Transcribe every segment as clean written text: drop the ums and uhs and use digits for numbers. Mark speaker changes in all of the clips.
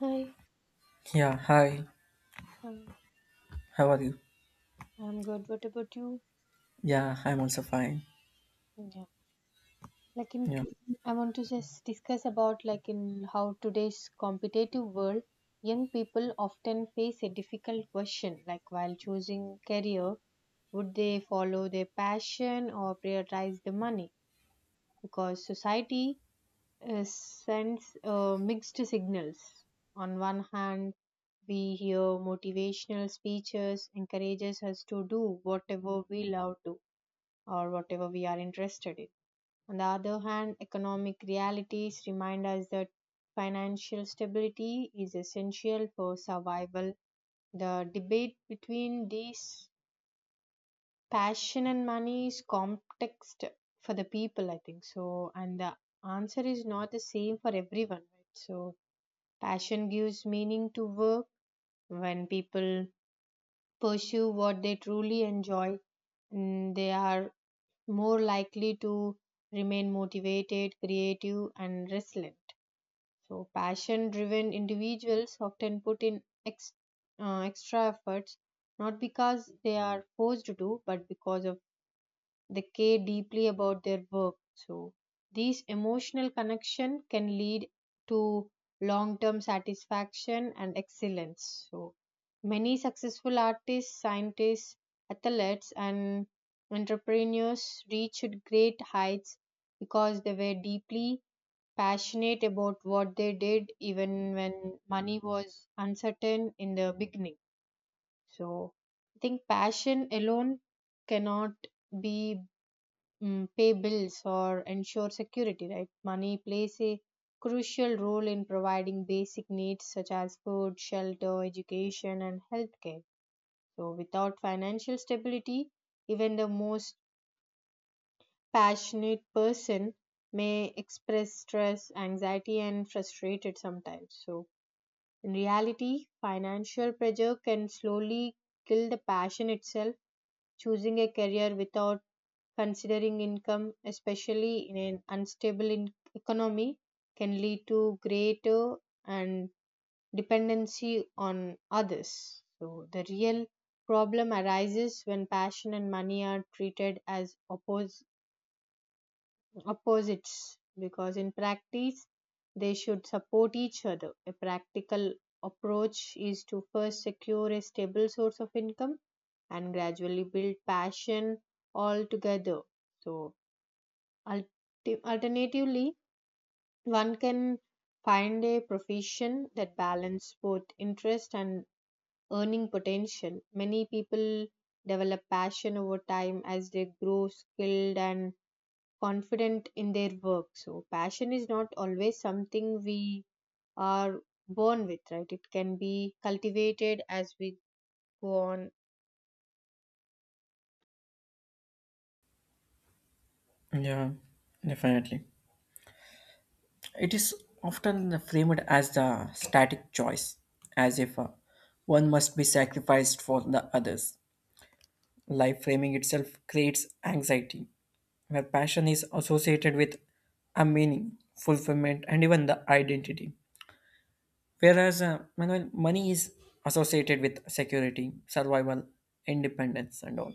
Speaker 1: Hi,
Speaker 2: Yeah, hi.
Speaker 1: hi.
Speaker 2: How are you?
Speaker 1: I'm good. What about you?
Speaker 2: Yeah, I'm also fine.
Speaker 1: Yeah. Like in,
Speaker 2: Yeah,
Speaker 1: I want to just discuss about like in how today's competitive world, young people often face a difficult question, like while choosing career, would they follow their passion or prioritize the money? Because society sends mixed signals. On one hand, we hear motivational speeches encourages us to do whatever we love to or whatever we are interested in. On the other hand, economic realities remind us that financial stability is essential for survival. The debate between these passion and money is complex for the people, I think. So, and the answer is not the same for everyone, right? So, passion gives meaning to work when people pursue what they truly enjoy. They are more likely to remain motivated, creative, and resilient. So, passion driven individuals often put in extra efforts not because they are forced to, but because of they care deeply about their work. So, these emotional connection can lead to long-term satisfaction and excellence. So, many successful artists, scientists, athletes, and entrepreneurs reached great heights because they were deeply passionate about what they did, even when money was uncertain in the beginning. So, I think passion alone cannot be pay bills or ensure security, right? Money plays a crucial role in providing basic needs such as food, shelter, education, and healthcare. So, without financial stability, even the most passionate person may express stress, anxiety, and frustrated sometimes. So, in reality, financial pressure can slowly kill the passion itself. Choosing a career without considering income, especially in an economy, can lead to greater and dependency on others. So the real problem arises when passion and money are treated as opposites because in practice they should support each other. A practical approach is to first secure a stable source of income and gradually build passion all together. So alternatively, one can find a profession that balances both interest and earning potential. Many people develop passion over time as they grow skilled and confident in their work. So, passion is not always something we are born with, right? It can be cultivated as we go on.
Speaker 2: yeah, definitely. It is often framed as the static choice, as if one must be sacrificed for the others. Life framing itself creates anxiety, where passion is associated with a meaning, fulfillment, and even the identity. Whereas money is associated with security, survival, independence, and all,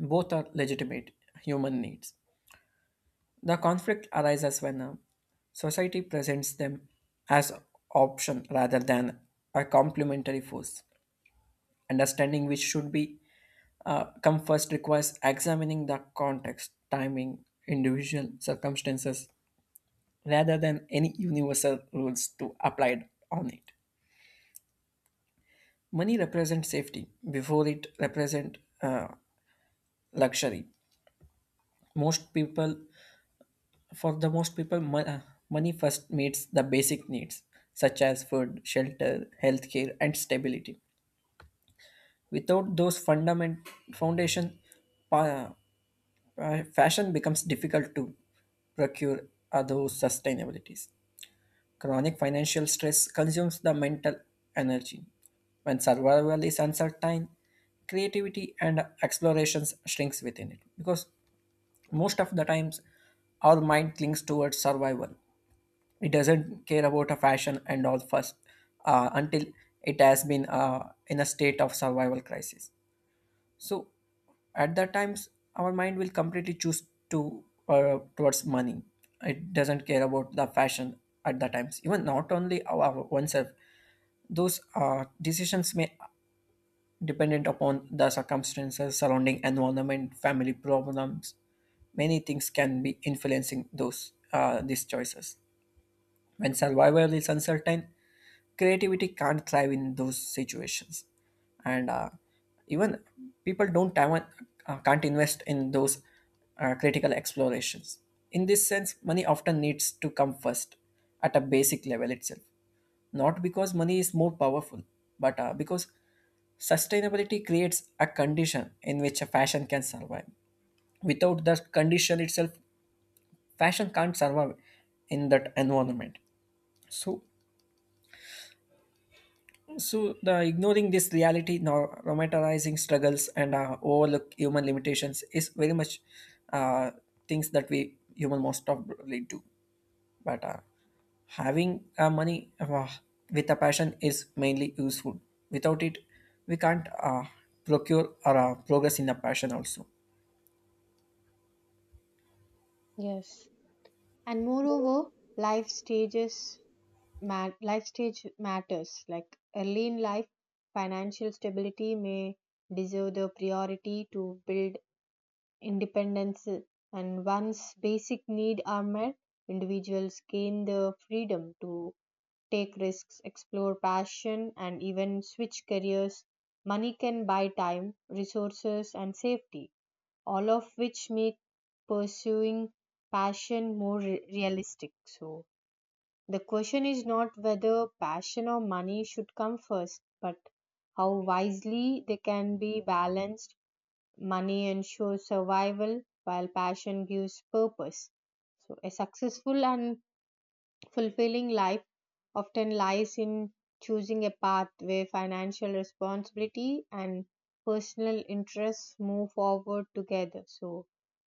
Speaker 2: both are legitimate human needs. The conflict arises when society presents them as option rather than a complementary force. Understanding which should be come first requires examining the context, timing, individual circumstances rather than any universal rules to applied on it. Money represents safety before it represents luxury. Most people For the most people, mon- money first meets the basic needs, such as food, shelter, healthcare, and stability. Without those fundament foundation, pa- fashion becomes difficult to procure those sustainabilities. Chronic financial stress consumes the mental energy. When survival is uncertain, creativity and explorations shrinks within it because most of the times our mind clings towards survival, it doesn't care about a fashion and all first until it has been in a state of survival crisis, so at that times our mind will completely choose to towards money, it doesn't care about the fashion at that times, even not only our oneself, those decisions may dependent upon the circumstances, surrounding environment, family problems, many things can be influencing those these choices. When survival is uncertain, creativity can't thrive in those situations. And even people don't have, can't invest in those critical explorations. In this sense, money often needs to come first at a basic level itself. Not because money is more powerful, but because sustainability creates a condition in which a fashion can survive. Without that condition itself, fashion can't survive in that environment. So, So, the ignoring this reality, nor romanticizing struggles, and overlook human limitations is very much uh, things that we human most probably do. But having money with a passion is mainly useful. Without it, we can't procure or progress in the passion also.
Speaker 1: Yes. And moreover, life stages life stage matters. Like early in life, financial stability may deserve the priority to build independence, and once basic needs are met, individuals gain the freedom to take risks, explore passion, and even switch careers. Money can buy time, resources, and safety, all of which make pursuing passion more realistic. So, the question is not whether passion or money should come first, but how wisely they can be balanced. Money ensures survival, while passion gives purpose. So, a successful and fulfilling life often lies in choosing a path where financial responsibility and personal interests move forward together. So,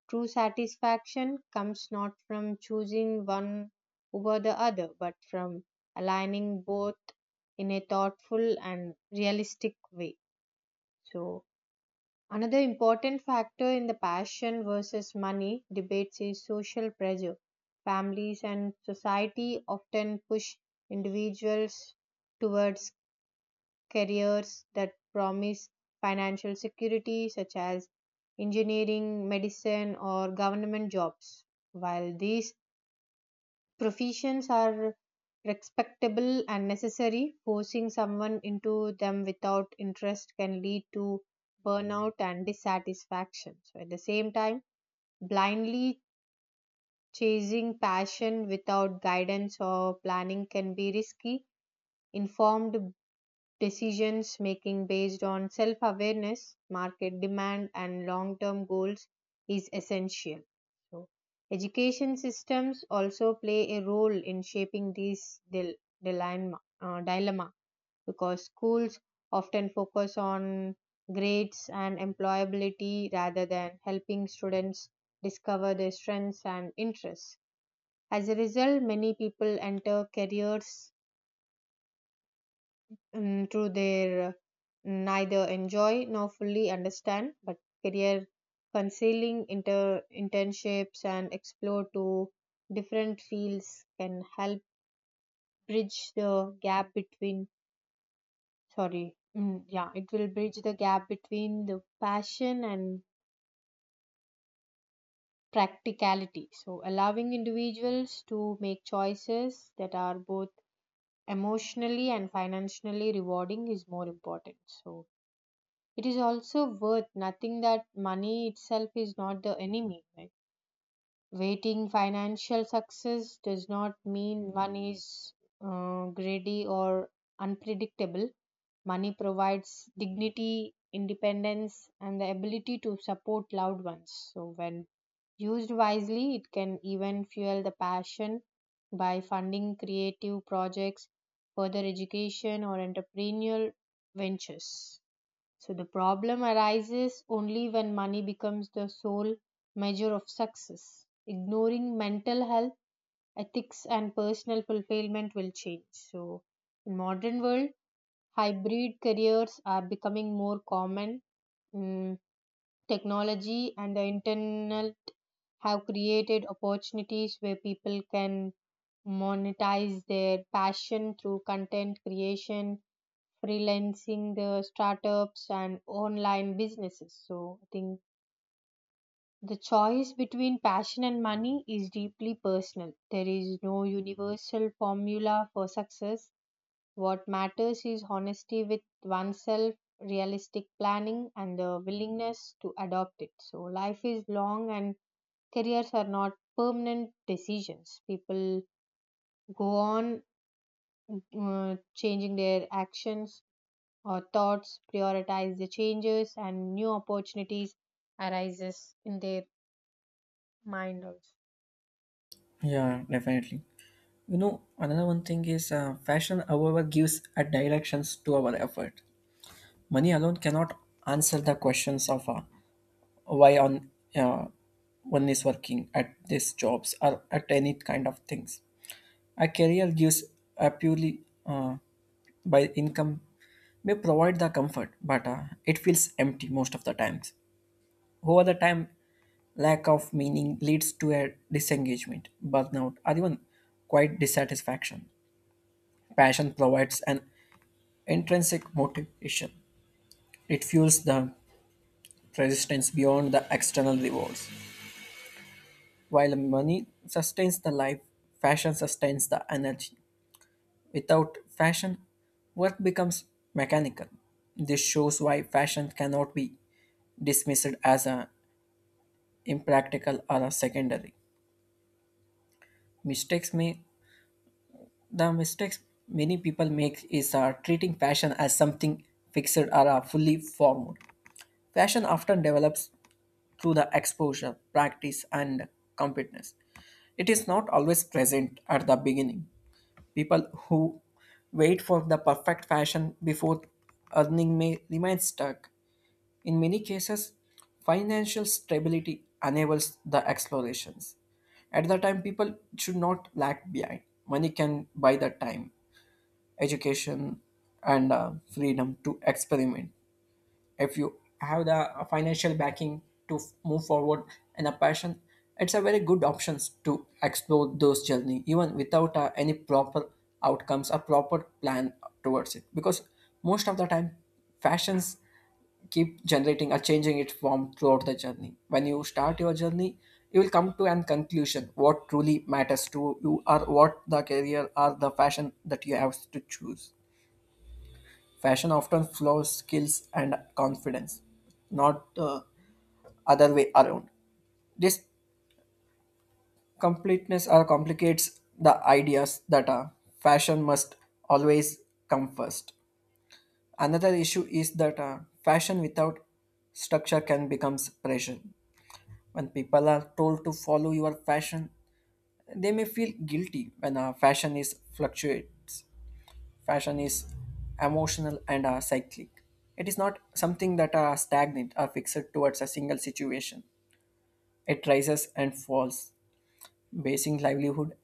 Speaker 1: true satisfaction comes not from choosing one over the other, but from aligning both in a thoughtful and realistic way. So, another important factor in the passion versus money debates is social pressure. Families and society often push individuals towards careers that promise financial security, such as engineering, medicine, or government jobs. While these professions are respectable and necessary. Forcing someone into them without interest can lead to burnout and dissatisfaction. So, at the same time, blindly chasing passion without guidance or planning can be risky. Informed decisions making based on self awareness, market demand, and long term goals is essential. So, education systems also play a role in shaping this dilemma because schools often focus on grades and employability rather than helping students discover their strengths and interests. As a result, many people enter careers to their neither enjoy nor fully understand, but career concealing internships and explore to different fields can help bridge the gap between yeah it will bridge the gap between the passion and practicality so allowing individuals to make choices that are both emotionally and financially rewarding is more important so it is also worth nothing that money itself is not the enemy. Right? Waiting financial success does not mean money is greedy or unpredictable. Money provides dignity, independence, and the ability to support loved ones. So, when used wisely, it can even fuel the passion by funding creative projects, further education, or entrepreneurial ventures. So the problem arises only when money becomes the sole measure of success. Ignoring mental health, ethics and personal fulfillment will change. So in modern world, hybrid careers are becoming more common. Mm, Technology and the internet have created opportunities where people can monetize their passion through content creation freelancing, the startups, and online businesses. So, I think the choice between passion and money is deeply personal. There is no universal formula for success. What matters is honesty with oneself, realistic planning, and the willingness to adopt it. So, life is long, and careers are not permanent decisions. People go on changing their actions or thoughts prioritize the changes and new opportunities arises in their mind also.
Speaker 2: Yeah, definitely. You know, another one thing is fashion, however, gives a directions to our effort. Money alone cannot answer the questions of why on uh, one is working at these jobs or at any kind of things. A career gives a purely by income may provide the comfort, but it feels empty most of the times. Over the time, lack of meaning leads to a disengagement, burnout, or even quite dissatisfaction. Passion provides an intrinsic motivation. It fuels the resistance beyond the external rewards. While money sustains the life, fashion sustains the energy. Without fashion, work becomes mechanical. This shows why fashion cannot be dismissed as a impractical or a secondary. Mistakes may the mistakes many people make is treating fashion as something fixed or fully formed. Fashion often develops through the exposure, practice, and competence. It is not always present at the beginning. People who wait for the perfect fashion before earning may remain stuck. In many cases, financial stability enables the explorations. At the time, people should not lag behind. Money can buy the time, education, and freedom to experiment. If you have the financial backing to move forward and a passion, it's a very good options to explore those journey even without any proper outcomes, a proper plan towards it, because most of the time fashions keep generating or changing its form throughout the journey. When you start your journey, you will come to an conclusion what truly matters to you or what the career or the fashion that you have to choose. Fashion often flows skills and confidence, not the other way around. This completeness or complicates the ideas that fashion must always come first. Another issue is that fashion without structure can become pressure. When people are told to follow your fashion, they may feel guilty when fashion is fluctuates. Fashion is emotional and cyclic. It is not something that are stagnant or fixed towards a single situation. It rises and falls. Basing livelihood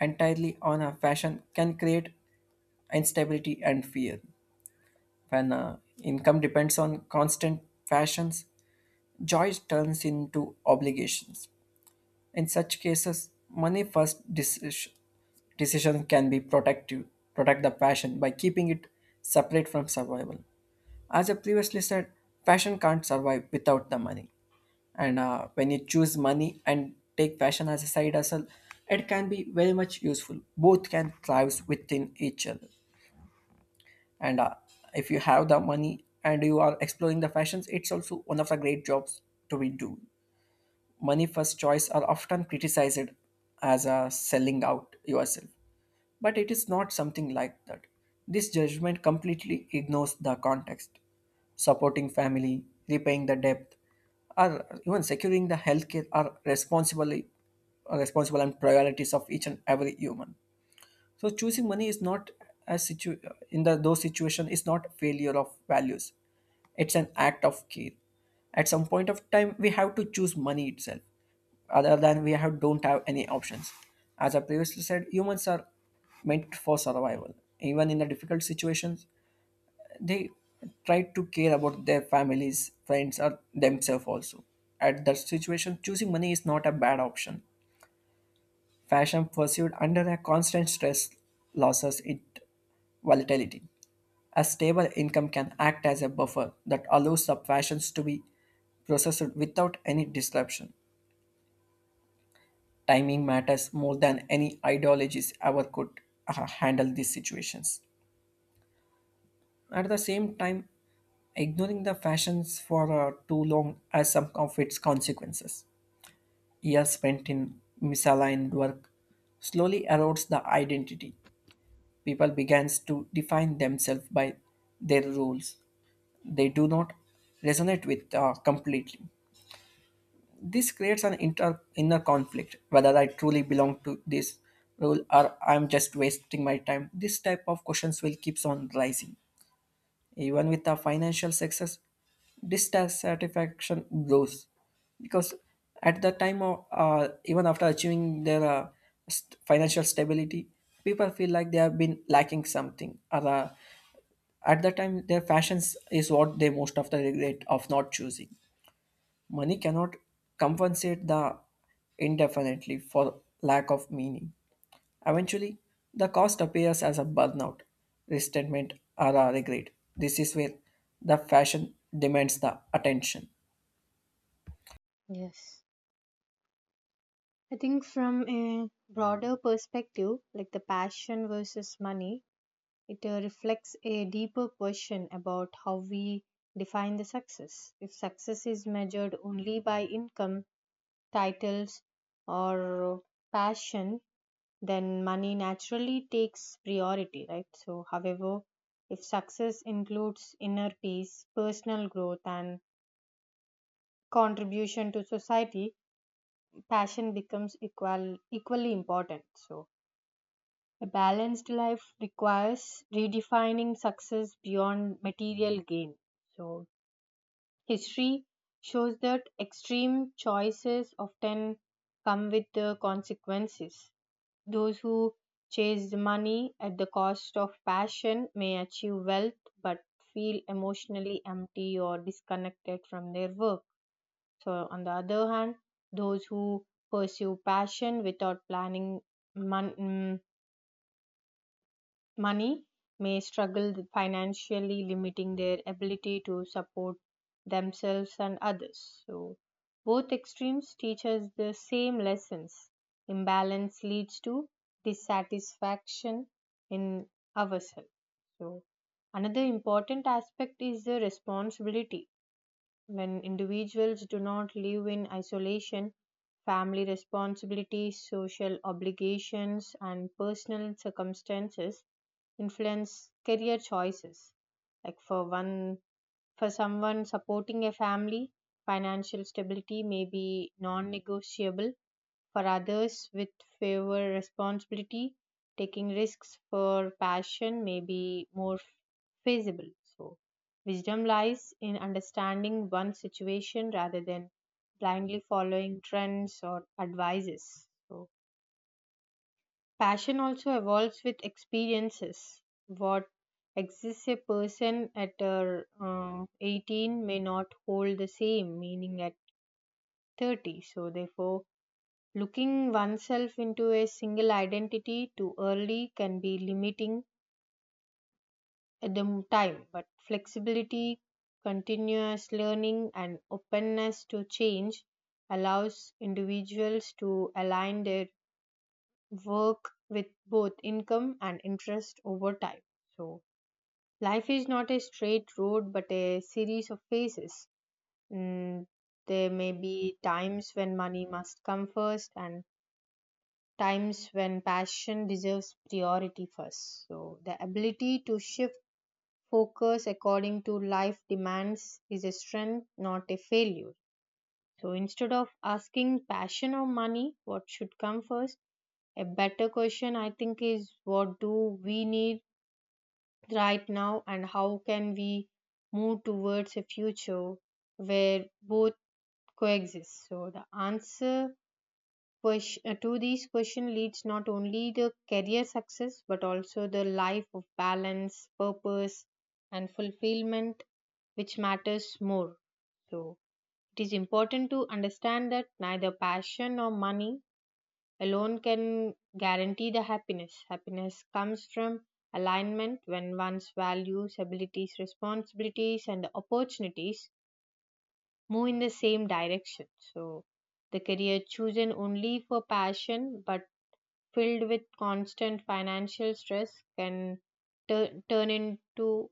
Speaker 2: entirely on a fashion can create instability and fear. When income depends on constant fashions, joy turns into obligations. In such cases, money first decision can be protect the passion by keeping it separate from survival. As I previously said, passion can't survive without the money. And when you choose money and take passion as a side hustle, it can be very much useful. Both can thrive within each other. And if you have the money and you are exploring the fashions, it's also one of the great jobs to be do. Money first choice are often criticized as a selling out yourself, but it is not something like that. This judgment completely ignores the context. Supporting family, repaying the debt, or even securing the healthcare are responsibly are responsible and priorities of each and every human. So choosing money is not a situ- in the those situation is not failure of values, it's an act of care. At some point of time we have to choose money itself, other than we have don't have any options. As I previously said, humans are meant for survival. Even in the difficult situations, they try to care about their families, friends, or themselves also. At that situation, choosing money is not a bad option. Fashion pursued under a constant stress losses its volatility. A stable income can act as a buffer that allows the fashions to be processed without any disruption. Timing matters more than any ideologies ever could handle these situations. At the same time, ignoring the fashions for too long has some of its consequences. Years spent in misaligned work slowly erodes the identity. People begins to define themselves by their rules. They do not resonate with completely. This creates an inner conflict, whether I truly belong to this role or I'm just wasting my time. This type of questions will keeps on rising. Even with the financial success, dissatisfaction grows because at the time of even after achieving their financial stability, people feel like they have been lacking something or at the time their fashions is what they most of the regret of not choosing. Money cannot compensate the indefinitely for lack of meaning. Eventually, the cost appears as a burnout, resentment, or a regret. This is where the fashion demands the attention.
Speaker 1: Yes, I think from a broader perspective like the passion versus money it reflects a deeper question about how we define the success. If success is measured only by income, titles, or passion then money naturally takes priority, right? So, however, if success includes inner peace, personal growth, and contribution to society, passion becomes equally important. So, a balanced life requires redefining success beyond material gain. So, history shows that extreme choices often come with the consequences. Those who chase money at the cost of passion may achieve wealth but feel emotionally empty or disconnected from their work. So, on the other hand, those who pursue passion without planning mon- mm, money may struggle financially, limiting their ability to support themselves and others. So, both extremes teach us the same lessons. Imbalance leads to dissatisfaction in ourselves. So, another important aspect is the responsibility when individuals do not live in isolation, family responsibilities, social obligations, and personal circumstances influence career choices. Like for one, for someone supporting a family, financial stability may be non negotiable for others with favor responsibility taking risks for passion may be more feasible so wisdom lies in understanding one situation rather than blindly following trends or advices. So passion also evolves with experiences. What exists a person at uh, 18 may not hold the same meaning at 30, so therefore looking oneself into a single identity too early can be limiting at the time, but flexibility, continuous learning, and openness to change allows individuals to align their work with both income and interest over time. So, life is not a straight road but a series of phases. Mm, there may be times when money must come first and times when passion deserves priority first. So, the ability to shift focus according to life demands is a strength, not a failure. So, instead of asking passion or money, what should come first? A better question, I think, is what do we need right now and how can we move towards a future where both coexist? So, the answer to these question leads not only the career success but also the life of balance purpose and fulfillment which matters more. So it is important to understand that neither passion nor money alone can guarantee the happiness. Happiness comes from alignment when one's values abilities responsibilities and opportunities move in the same direction. So the career chosen only for passion but filled with constant financial stress can turn into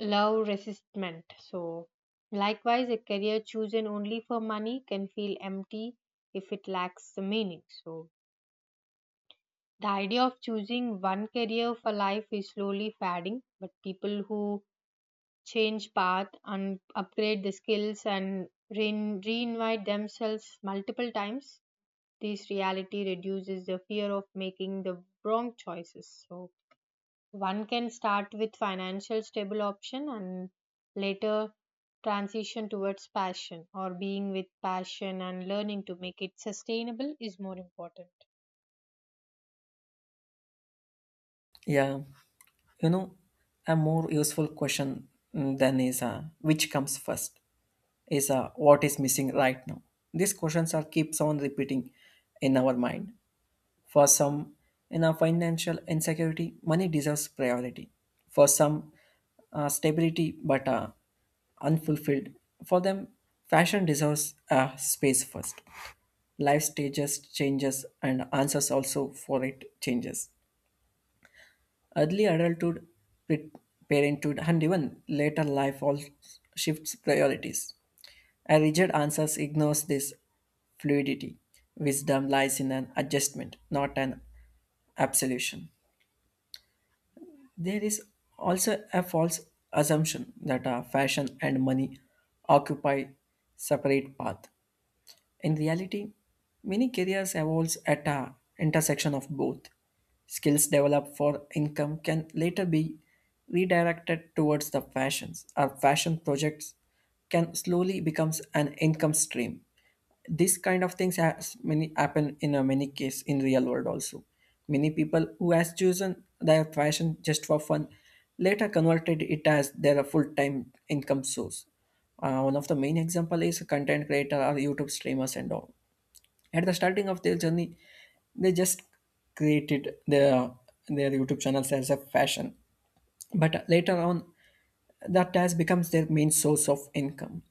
Speaker 1: love resistment. So, likewise, a career chosen only for money can feel empty if it lacks the meaning. So, the idea of choosing one career for life is slowly fading, but people who change path and upgrade the skills and reinvite themselves multiple times, this reality reduces the fear of making the wrong choices. So, one can start with financial stable option and later transition towards passion or being with passion and learning to make it sustainable is more important.
Speaker 2: Yeah, you know, a more useful question than is which comes first is what is missing right now. These questions are keeps on repeating in our mind. For some, in a financial insecurity, money deserves priority. For some, stability but unfulfilled. For them, fashion deserves space first. Life stages changes and answers also for it changes. Early adulthood, pre parenthood, and even later life all shifts priorities. A rigid answer ignores this fluidity. Wisdom lies in an adjustment, not an absolution. There is also a false assumption that fashion and money occupy separate paths. In reality, many careers evolves at a intersection of both. Skills developed for income can later be redirected towards the fashions. Our fashion projects can slowly becomes an income stream. This kind of things has many happen in a many case in real world also. Many people who has chosen their fashion just for fun later converted it as their full time income source. One of the main example is content creator or YouTube streamers and all. At the starting of their journey, they just created their YouTube channels as a fashion, but later on, that has becomes their main source of income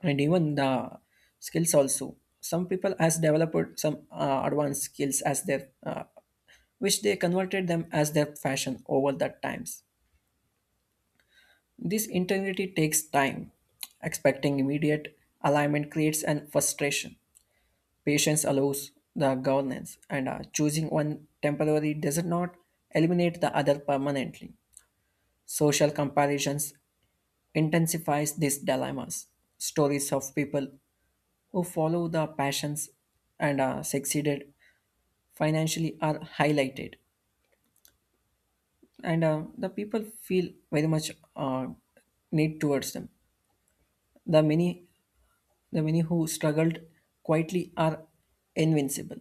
Speaker 2: and even the skills also. Some people has developed some advanced skills as their which they converted them as their fashion over the times. This integrity takes time. Expecting immediate alignment creates an frustration. Patience allows the governance, and choosing one temporary does not eliminate the other permanently. Social comparisons intensifies these dilemmas. Stories of people who follow the passions and succeeded financially are highlighted, and the people feel very much need towards them. The many The many who struggled quietly are invincible.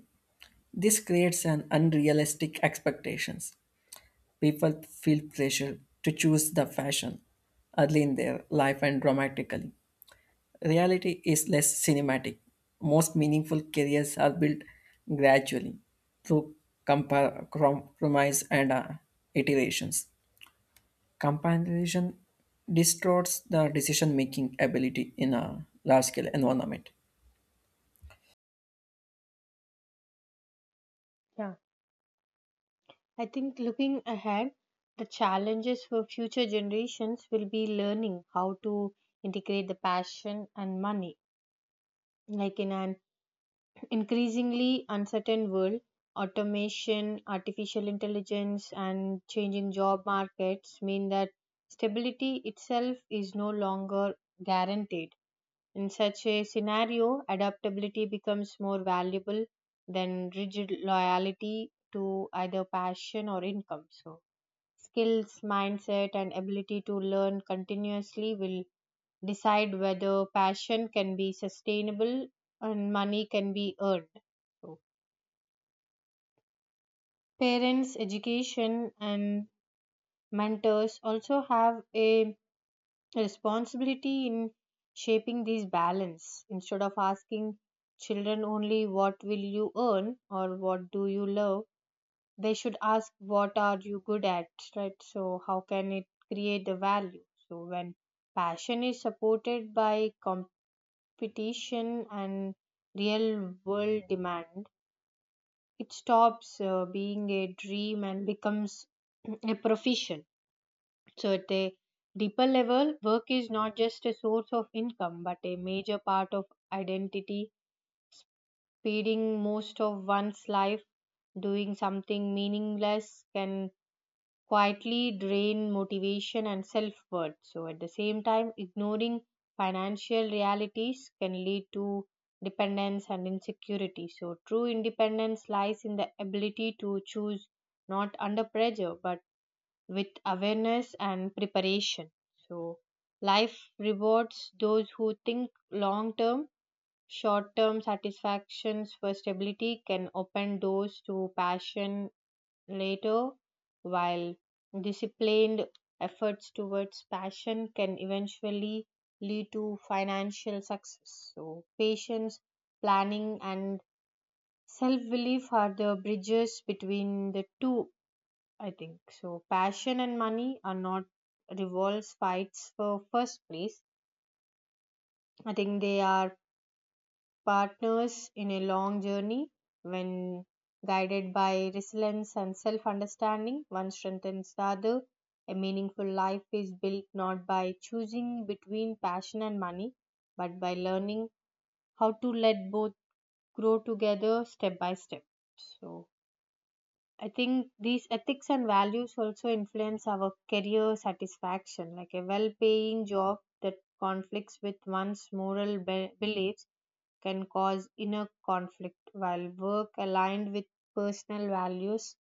Speaker 2: This creates an unrealistic expectations. People feel pressure to choose the fashion early in their life and dramatically. Reality is less cinematic. Most meaningful careers are built gradually through compromise and iterations. Comparison distorts the decision making ability in a large scale environment.
Speaker 1: Yeah. I think looking ahead, the challenges for future generations will be learning how to integrate the passion and money like in an increasingly uncertain world, automation, artificial intelligence, and changing job markets mean that stability itself is no longer guaranteed. In such a scenario, adaptability becomes more valuable than rigid loyalty to either passion or income. So, skills, mindset, and ability to learn continuously will decide whether passion can be sustainable and money can be earned. So, parents, education, and mentors also have a responsibility in shaping this balance. Instead of asking children only what will you earn or what do you love, they should ask what are you good at, right? So, how can it create the value? So, when passion is supported by competition and real world demand, it stops being a dream and becomes a profession. So, at a deeper level, work is not just a source of income but a major part of identity, feeding most of one's life. Doing something meaningless can quietly drain motivation and self worth. So, at the same time, ignoring financial realities can lead to dependence and insecurity. So, true independence lies in the ability to choose not under pressure but with awareness and preparation. So, life rewards those who think long term. Short term satisfactions for stability can open doors to passion later, while disciplined efforts towards passion can eventually lead to financial success. So, patience, planning, and self belief are the bridges between the two, I think. So, passion and money are not revolves fights for first place. I think they are partners in a long journey. When guided by resilience and self understanding, one strengthens the other. A meaningful life is built not by choosing between passion and money, but by learning how to let both grow together step by step. So, I think these ethics and values also influence our career satisfaction. Like a well paying job that conflicts with one's beliefs can cause inner conflict, while work aligned with personal values,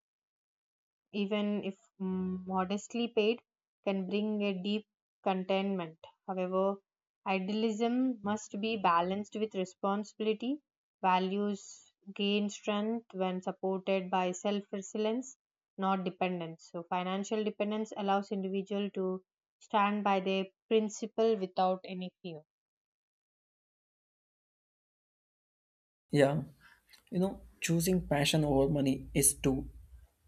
Speaker 1: even if modestly paid, can bring a deep contentment. However, idealism must be balanced with responsibility. Values gain strength when supported by self resilience, not dependence. So, financial dependence allows individual to stand by their principle without any fear.
Speaker 2: Yeah, you know, choosing passion over money is too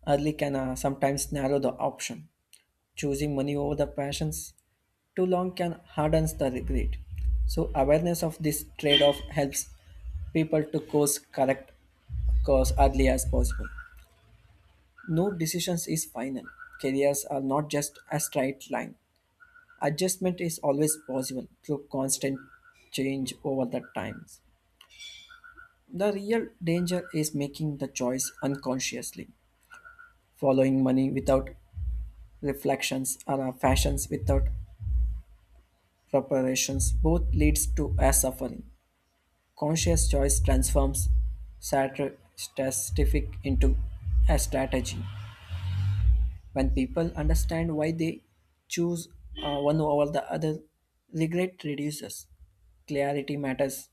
Speaker 2: early can sometimes narrow the option. Choosing money over the passions too long can hardens the regret. So awareness of this trade-off helps people to course correct course early as possible. No decisions is final. Careers are not just a straight line. Adjustment is always possible through constant change over the times. The real danger is making the choice unconsciously, following money without reflections or fashions without preparations. Both leads to a suffering. Conscious choice transforms statistic into a strategy. When people understand why they choose one over the other, regret reduces. Clarity matters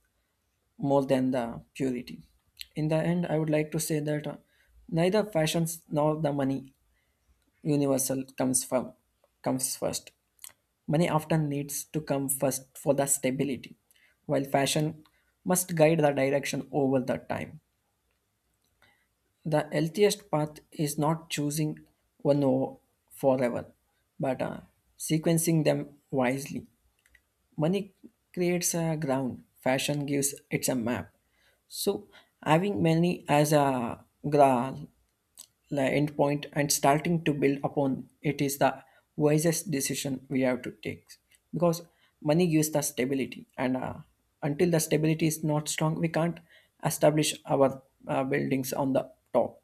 Speaker 2: more than the purity. In the end, I would like to say that neither fashions nor the money universal comes first. Money often needs to come first for the stability, while fashion must guide the direction over the time. The healthiest path is not choosing one forever, but sequencing them wisely. Money creates a ground, fashion gives it's a map. So having money as a gra- endpoint and starting to build upon it is the wisest decision we have to take, because money gives the stability and until the stability is not strong we can't establish our buildings on the top.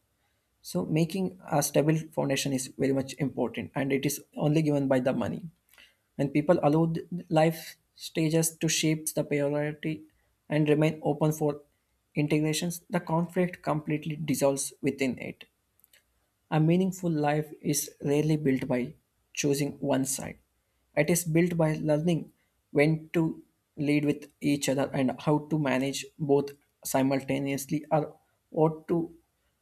Speaker 2: So making a stable foundation is very much important, and it is only given by the money. When people allow life stages to shape the priority and remain open for integrations, the conflict completely dissolves within it. A meaningful life is rarely built by choosing one side. It is built by learning when to lead with each other and how to manage both simultaneously or what to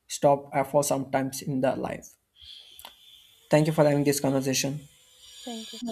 Speaker 2: stop for sometimes in the life. Thank you for having this conversation.
Speaker 1: Thank you.